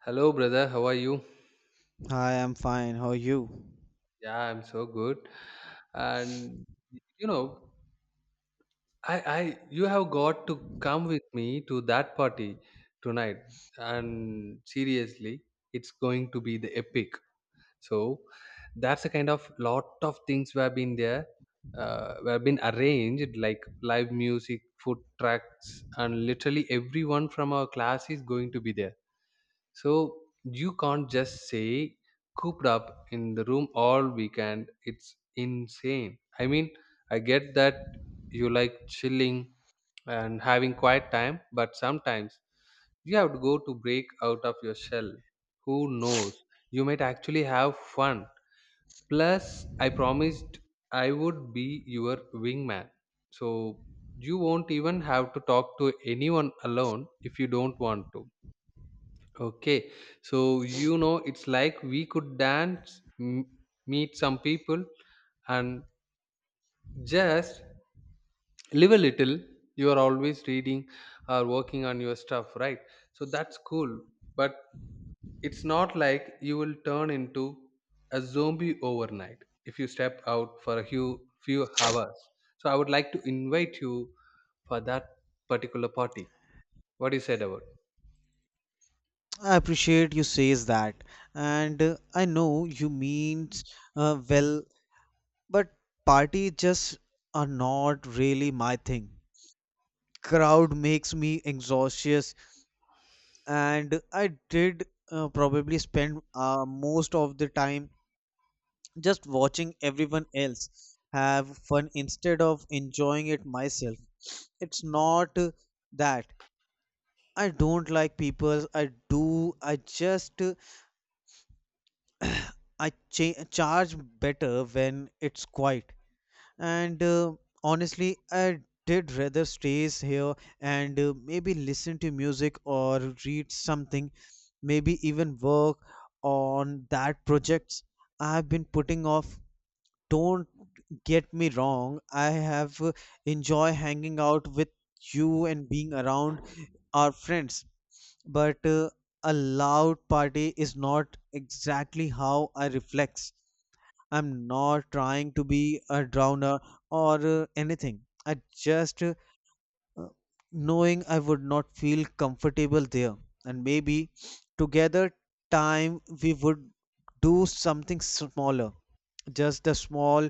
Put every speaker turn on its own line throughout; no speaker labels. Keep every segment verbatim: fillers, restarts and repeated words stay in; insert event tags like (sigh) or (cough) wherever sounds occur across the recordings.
Hello, brother. How are you?
Hi, I'm fine. How are you?
Yeah, I'm so good. And you know, I, I, you have got to come with me to that party tonight. And seriously, it's going to be the epic. So that's a kind of lot of things we have been there, uh, we have been arranged like live music, food tracks, and literally everyone from our class is going to be there. So you can't just say cooped up in the room all weekend. It's insane. I mean, I get that you like chilling and having quiet time, but sometimes you have to go to break out of your shell. Who knows? You might actually have fun. Plus, I promised I would be your wingman. So you won't even have to talk to anyone alone if you don't want to. Okay, so you know, it's like we could dance, m- meet some people, and just live a little. You are always reading or working on your stuff, right? So that's cool, but it's not like you will turn into a zombie overnight if you step out for a few few hours. So I would like to invite you for that particular party. What do you said about?
I appreciate you says that, and uh, I know you means uh, well, but party just are not really my thing. Crowd makes me anxious, and I did uh, probably spend uh, most of the time just watching everyone else have fun instead of enjoying it myself. It's not uh, that I don't like people. I do. I just. uh, I cha- charge better when it's quiet. And uh, Honestly, I did rather stays here and uh, maybe listen to music or read something, maybe even work on that projects I've been putting off. Don't get me wrong, I have uh, enjoy hanging out with you and being around our friends, but uh, a loud party is not exactly how I reflex. I'm not trying to be a drowner or uh, anything. I just uh, knowing I would not feel comfortable there. And maybe together time we would do something smaller. Just the small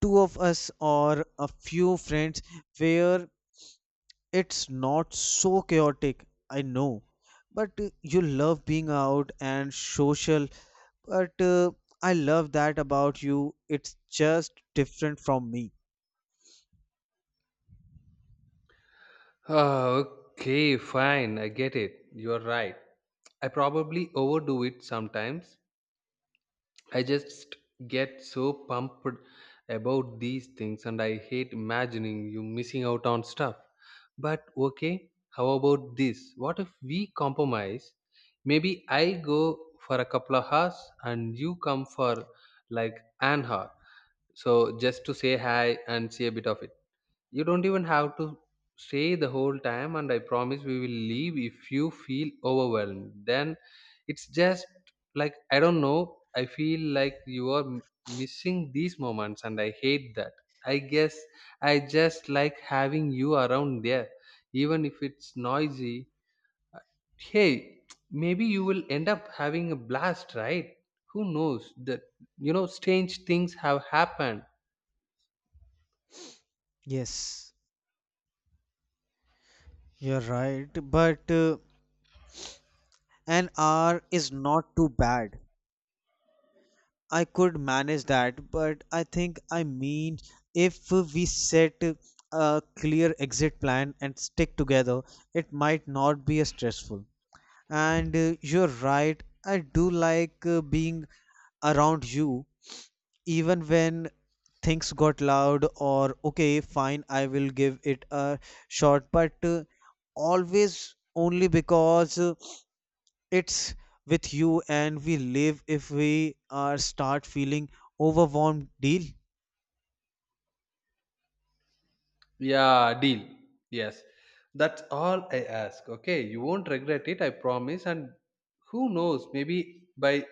two of us or a few friends where it's not so chaotic. I know. But uh, you love being out and social but uh, I love that about you. It's just different from me.
Oh, okay, fine. I get it. You're right. I probably overdo it sometimes. I just get so pumped about these things and I hate imagining you missing out on stuff. But okay, how about this? What if we compromise? Maybe I go for a couple of hours and you come for like an hour. So just to say hi and see a bit of it. You don't even have to stay the whole time, and I promise we will leave if you feel overwhelmed. Then it's just like, I don't know, I feel like you are m- missing these moments, and I hate that. I guess I just like having you around there, even if it's noisy. Hey, maybe you will end up having a blast, right? Who knows that you know strange things have happened.
Yes, you're right, but uh, an hour is not too bad. I could manage that, but I think I mean if we set a clear exit plan and stick together, it might not be as stressful. And uh, you're right, I do like uh, being around you even when things got loud or okay, fine, I will give it a shot, but uh, always only because uh, it's with you, and we live if we are start feeling overwhelmed, deal.
Yeah, deal. Yes. That's all I ask. Okay. You won't regret it, I promise. And who knows, maybe by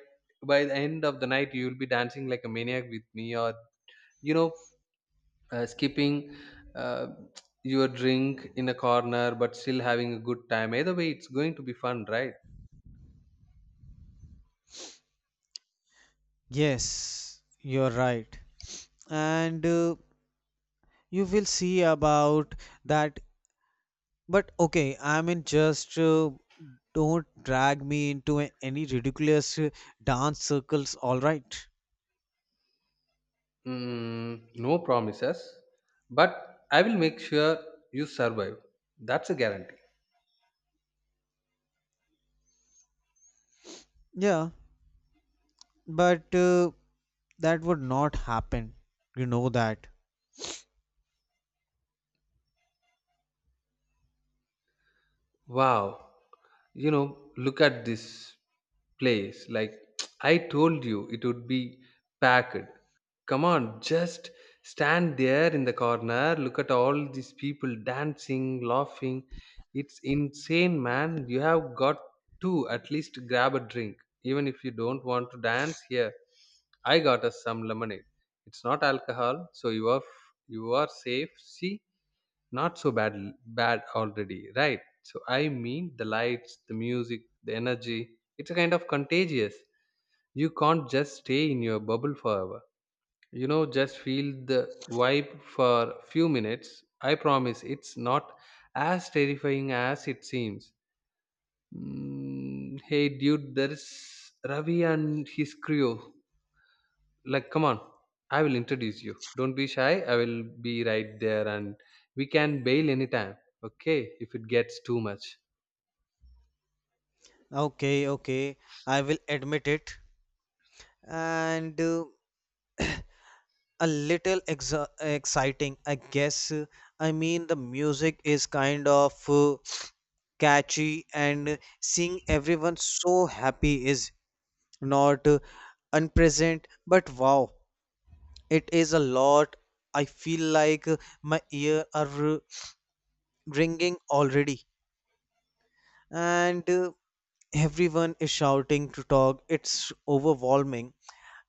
by the end of the night you'll be dancing like a maniac with me or you know, uh, skipping uh, your drink in a corner but still having a good time. Either way, it's going to be fun, right?
Yes, you're right, and uh, you will see about that. But okay, I mean, just uh, don't drag me into a- any ridiculous uh, dance circles, all right?
Mm, no promises, but I will make sure you survive. That's a guarantee.
Yeah. But uh, that would not happen. You know that.
Wow. You know, look at this place. Like, (tsk) I told you it would be packed. Come on, just stand there in the corner. Look at all these people dancing, laughing. It's insane, man. You have got to at least grab a drink. Even if you don't want to dance here, I got us some lemonade. It's not alcohol, so you are you are safe. See, not so bad bad already, right? So I mean the lights, the music, the energy, it's a kind of contagious. You can't just stay in your bubble forever. You know just feel the vibe for few minutes. I promise it's not as terrifying as it seems. Mm, hey dude, there's ravi and his crew. Like, come on, I will introduce you. Don't be shy. I will be right there, and we can bail anytime, okay, if it gets too much.
Okay, okay. I will admit it. And uh, a little ex exciting, I guess. Uh, I mean, the music is kind of uh, catchy, and seeing everyone so happy is not uh, unpresent. But wow, it is a lot. I feel like uh, my ear are uh, ringing already. And uh, everyone is shouting to talk, it's overwhelming,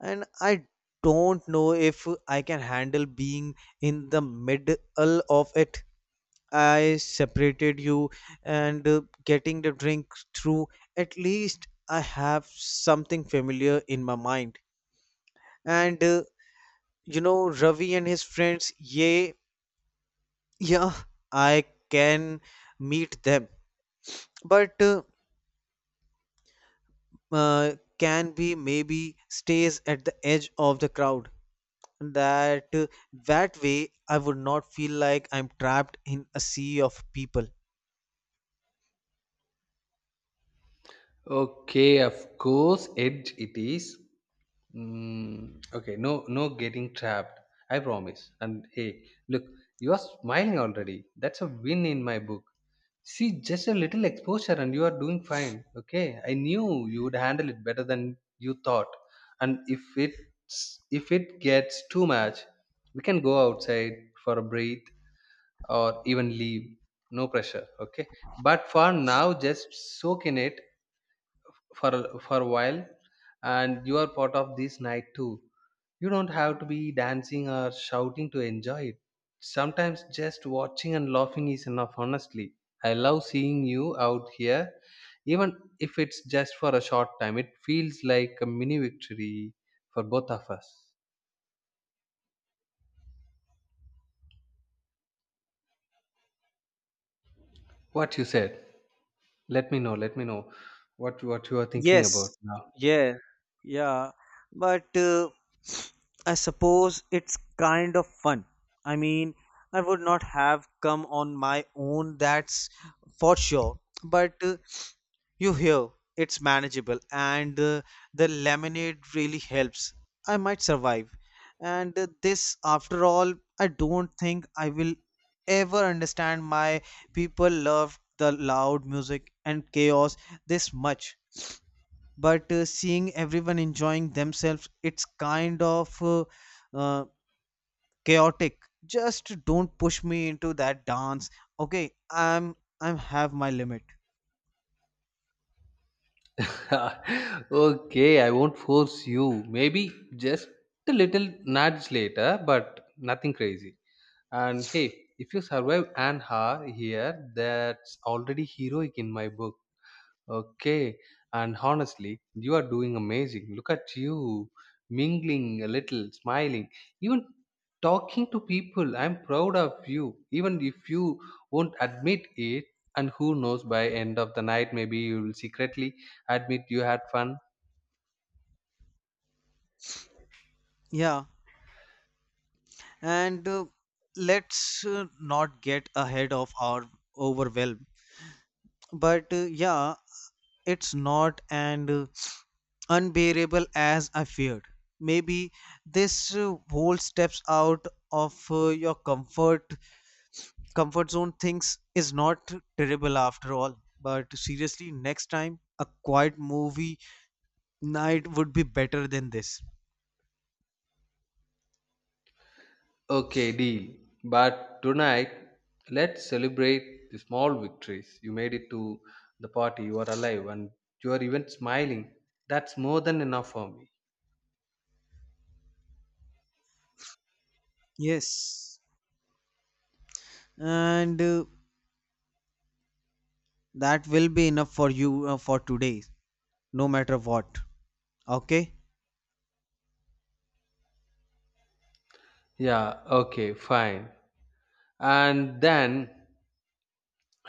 and I don't know if I can handle being in the middle of it. I separated you, and uh, getting the drink through at least I have something familiar in my mind, and uh, you know Ravi and his friends. Yeah, yeah, I can meet them, but uh, uh, can be maybe stays at the edge of the crowd. that uh, that way I would not feel like I'm trapped in a sea of people.
Okay, of course, edge it is. Mm, okay, no, no getting trapped. I promise. And hey, look, you are smiling already. That's a win in my book. See, just a little exposure and you are doing fine. Okay, I knew you would handle it better than you thought. And if it's if it gets too much, we can go outside for a breath or even leave. No pressure. Okay, but for now, just soak in it for for a while, and you are part of this night too. You don't have to be dancing or shouting to enjoy it. Sometimes just watching and laughing is enough. Honestly, I love seeing you out here, even if it's just for a short time. It feels like a mini victory for both of us. What you said? Let me know let me know what what you are thinking about
Yes,
now.
yeah, yeah. But uh, I suppose it's kind of fun. I mean, I would not have come on my own, that's for sure. But uh, you hear it's manageable, and uh, the lemonade really helps. I might survive. And uh, this, after all, I don't think I will ever understand my people love the loud music and chaos this much, but uh, seeing everyone enjoying themselves, it's kind of uh, uh, chaotic just don't push me into that dance. Okay, I'm I'm have my limit.
(laughs) Okay, I won't force you. Maybe just a little nudge later, but nothing crazy. And hey, if you survive an hour here, that's already heroic in my book. Okay. And honestly, you are doing amazing. Look at you, mingling a little, smiling, even talking to people. I'm proud of you, even if you won't admit it. And who knows, by end of the night, maybe you will secretly admit you had fun.
Yeah, and uh, let's uh, not get ahead of our overwhelm, but uh, yeah, it's not and uh, unbearable as I feared. Maybe this uh, whole steps out of uh, your comfort comfort zone things is not terrible after all. But seriously, next time a quiet movie night would be better than this.
Okay, deal. But tonight, let's celebrate the small victories. You made it to the party. You are alive, and you are even smiling. That's more than enough for me.
Yes, and uh, that will be enough for you uh, for today, no matter what. Okay.
Yeah, okay, fine. And then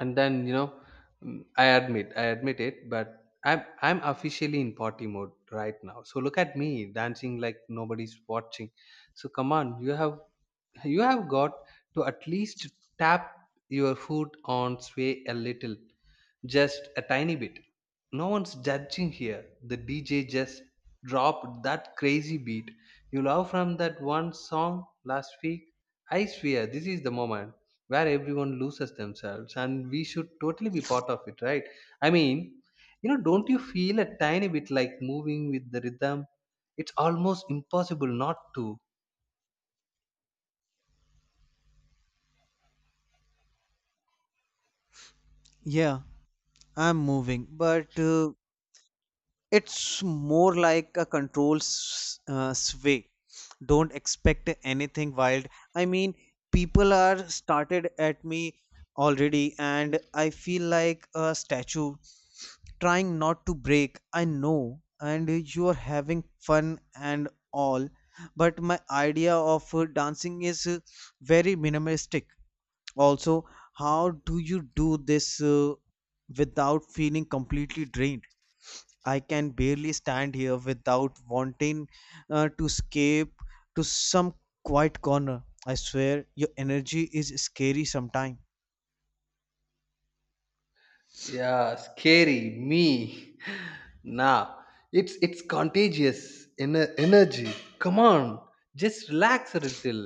and then you know mm, I admit, I admit it, but I'm I'm officially in party mode right now. So look at me dancing like nobody's watching. So come on, you have you have got to at least tap your foot on sway a little, just a tiny bit. No one's judging here. The dj just dropped that crazy beat you love from that one song last week. I swear this is the moment where everyone loses themselves, and we should totally be part of it, right? I mean, you know don't you feel a tiny bit like moving with the rhythm? It's almost impossible not to.
Yeah, I'm moving, but uh, it's more like a control s- uh, sway. Don't expect anything wild. I mean, people are started at me already, and I feel like a statue trying not to break. I know, and you are having fun and all, but my idea of uh, dancing is uh, very minimalistic. Also, how do you do this uh, without feeling completely drained? I can barely stand here without wanting uh, to escape to some quiet corner. I swear, your energy is scary sometimes.
Yeah, scary me. (laughs) Nah, it's it's contagious ener- energy. Come on, just relax a little.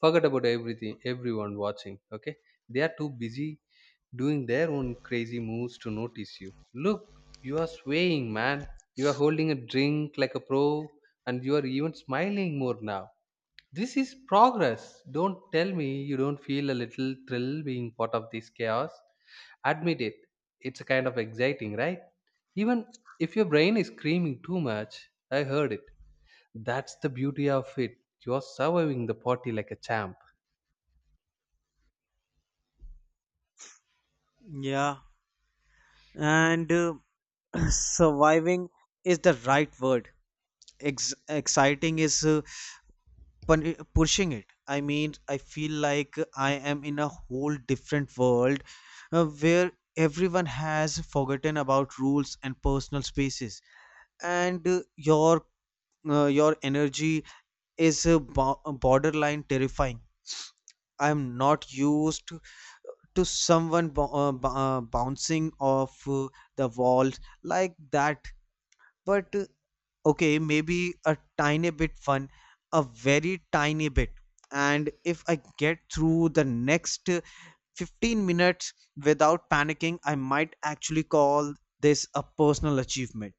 Forget about everything. Everyone watching, okay? They are too busy doing their own crazy moves to notice you. Look, you are swaying, man. You are holding a drink like a pro, and you are even smiling more now. This is progress. Don't tell me you don't feel a little thrill being part of this chaos. Admit it, it's a kind of exciting, right? Even if your brain is screaming too much, I heard it. That's the beauty of it. You're surviving the party like a champ.
Yeah, and uh, (clears throat) surviving is the right word. Ex- exciting is uh, pun- pushing it. I mean, I feel like I am in a whole different world uh, where everyone has forgotten about rules and personal spaces. And uh, your uh, your energy is a bo- borderline terrifying. I am not used to, to someone bo- uh, b- uh, bouncing off uh, the walls like that. But uh, okay, maybe a tiny bit fun, a very tiny bit. And if I get through the next uh, fifteen minutes without panicking, I might actually call this a personal achievement.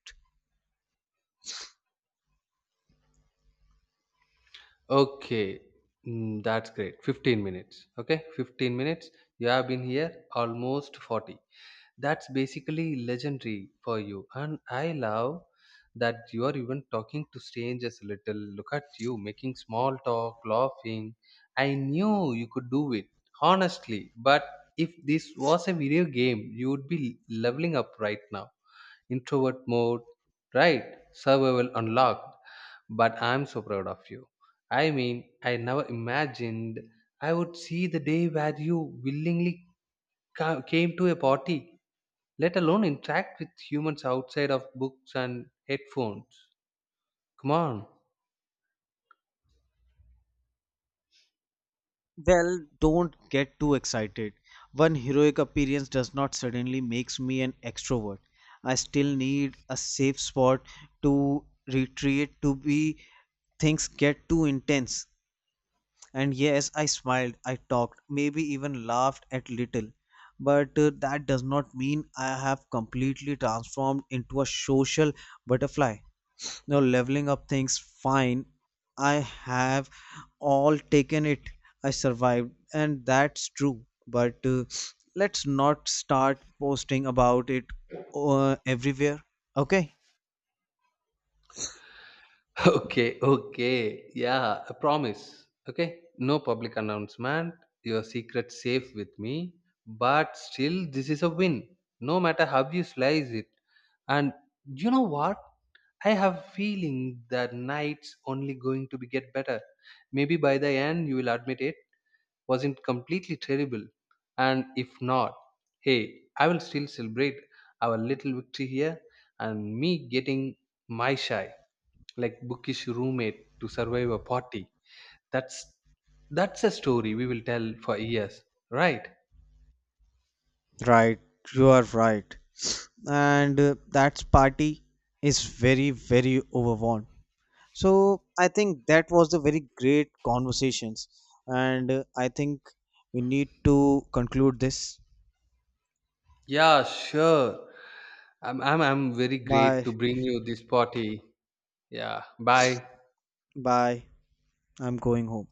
Okay. Mm, that's great, fifteen minutes. Okay, fifteen minutes. You have been here almost forty. That's basically legendary for you, and I love that you are even talking to strangers a little. Look at you making small talk, laughing. I knew you could do it honestly. But if this was a video game, you would be leveling up right now. Introvert mode, right? Survival unlocked. But I'm so proud of you. I mean, I never imagined I would see the day where you willingly ca- came to a party, let alone interact with humans outside of books and headphones. Come on.
Well, don't get too excited. One heroic appearance does not suddenly makes me an extrovert. I still need a safe spot to retreat to be things get too intense. And yes, I smiled, I talked, maybe even laughed at little. But uh, that does not mean I have completely transformed into a social butterfly. No leveling up things. Fine, I have all taken it, I survived, and that's true. But uh, let's not start posting about it uh, everywhere, okay?
(laughs) Okay, okay. Yeah, I promise. Okay, no public announcement. Your secret safe with me. But still, this is a win. No matter how you slice it. And you know what? I have feeling that night's only going to be get better. Maybe by the end you will admit it. Was it completely terrible? And if not, hey, I will still celebrate our little victory here and me getting my shy, like bookish roommate to survive a party. That's that's a story we will tell for years, right?
Right, you are right, and uh, that party is very, very overwhelmed, so I think that was the very great conversations, and uh, I think we need to conclude this.
Yeah, sure. I'm I'm I'm very great
Bye.
to bring you this party. Yeah. Bye.
Bye. I'm going home.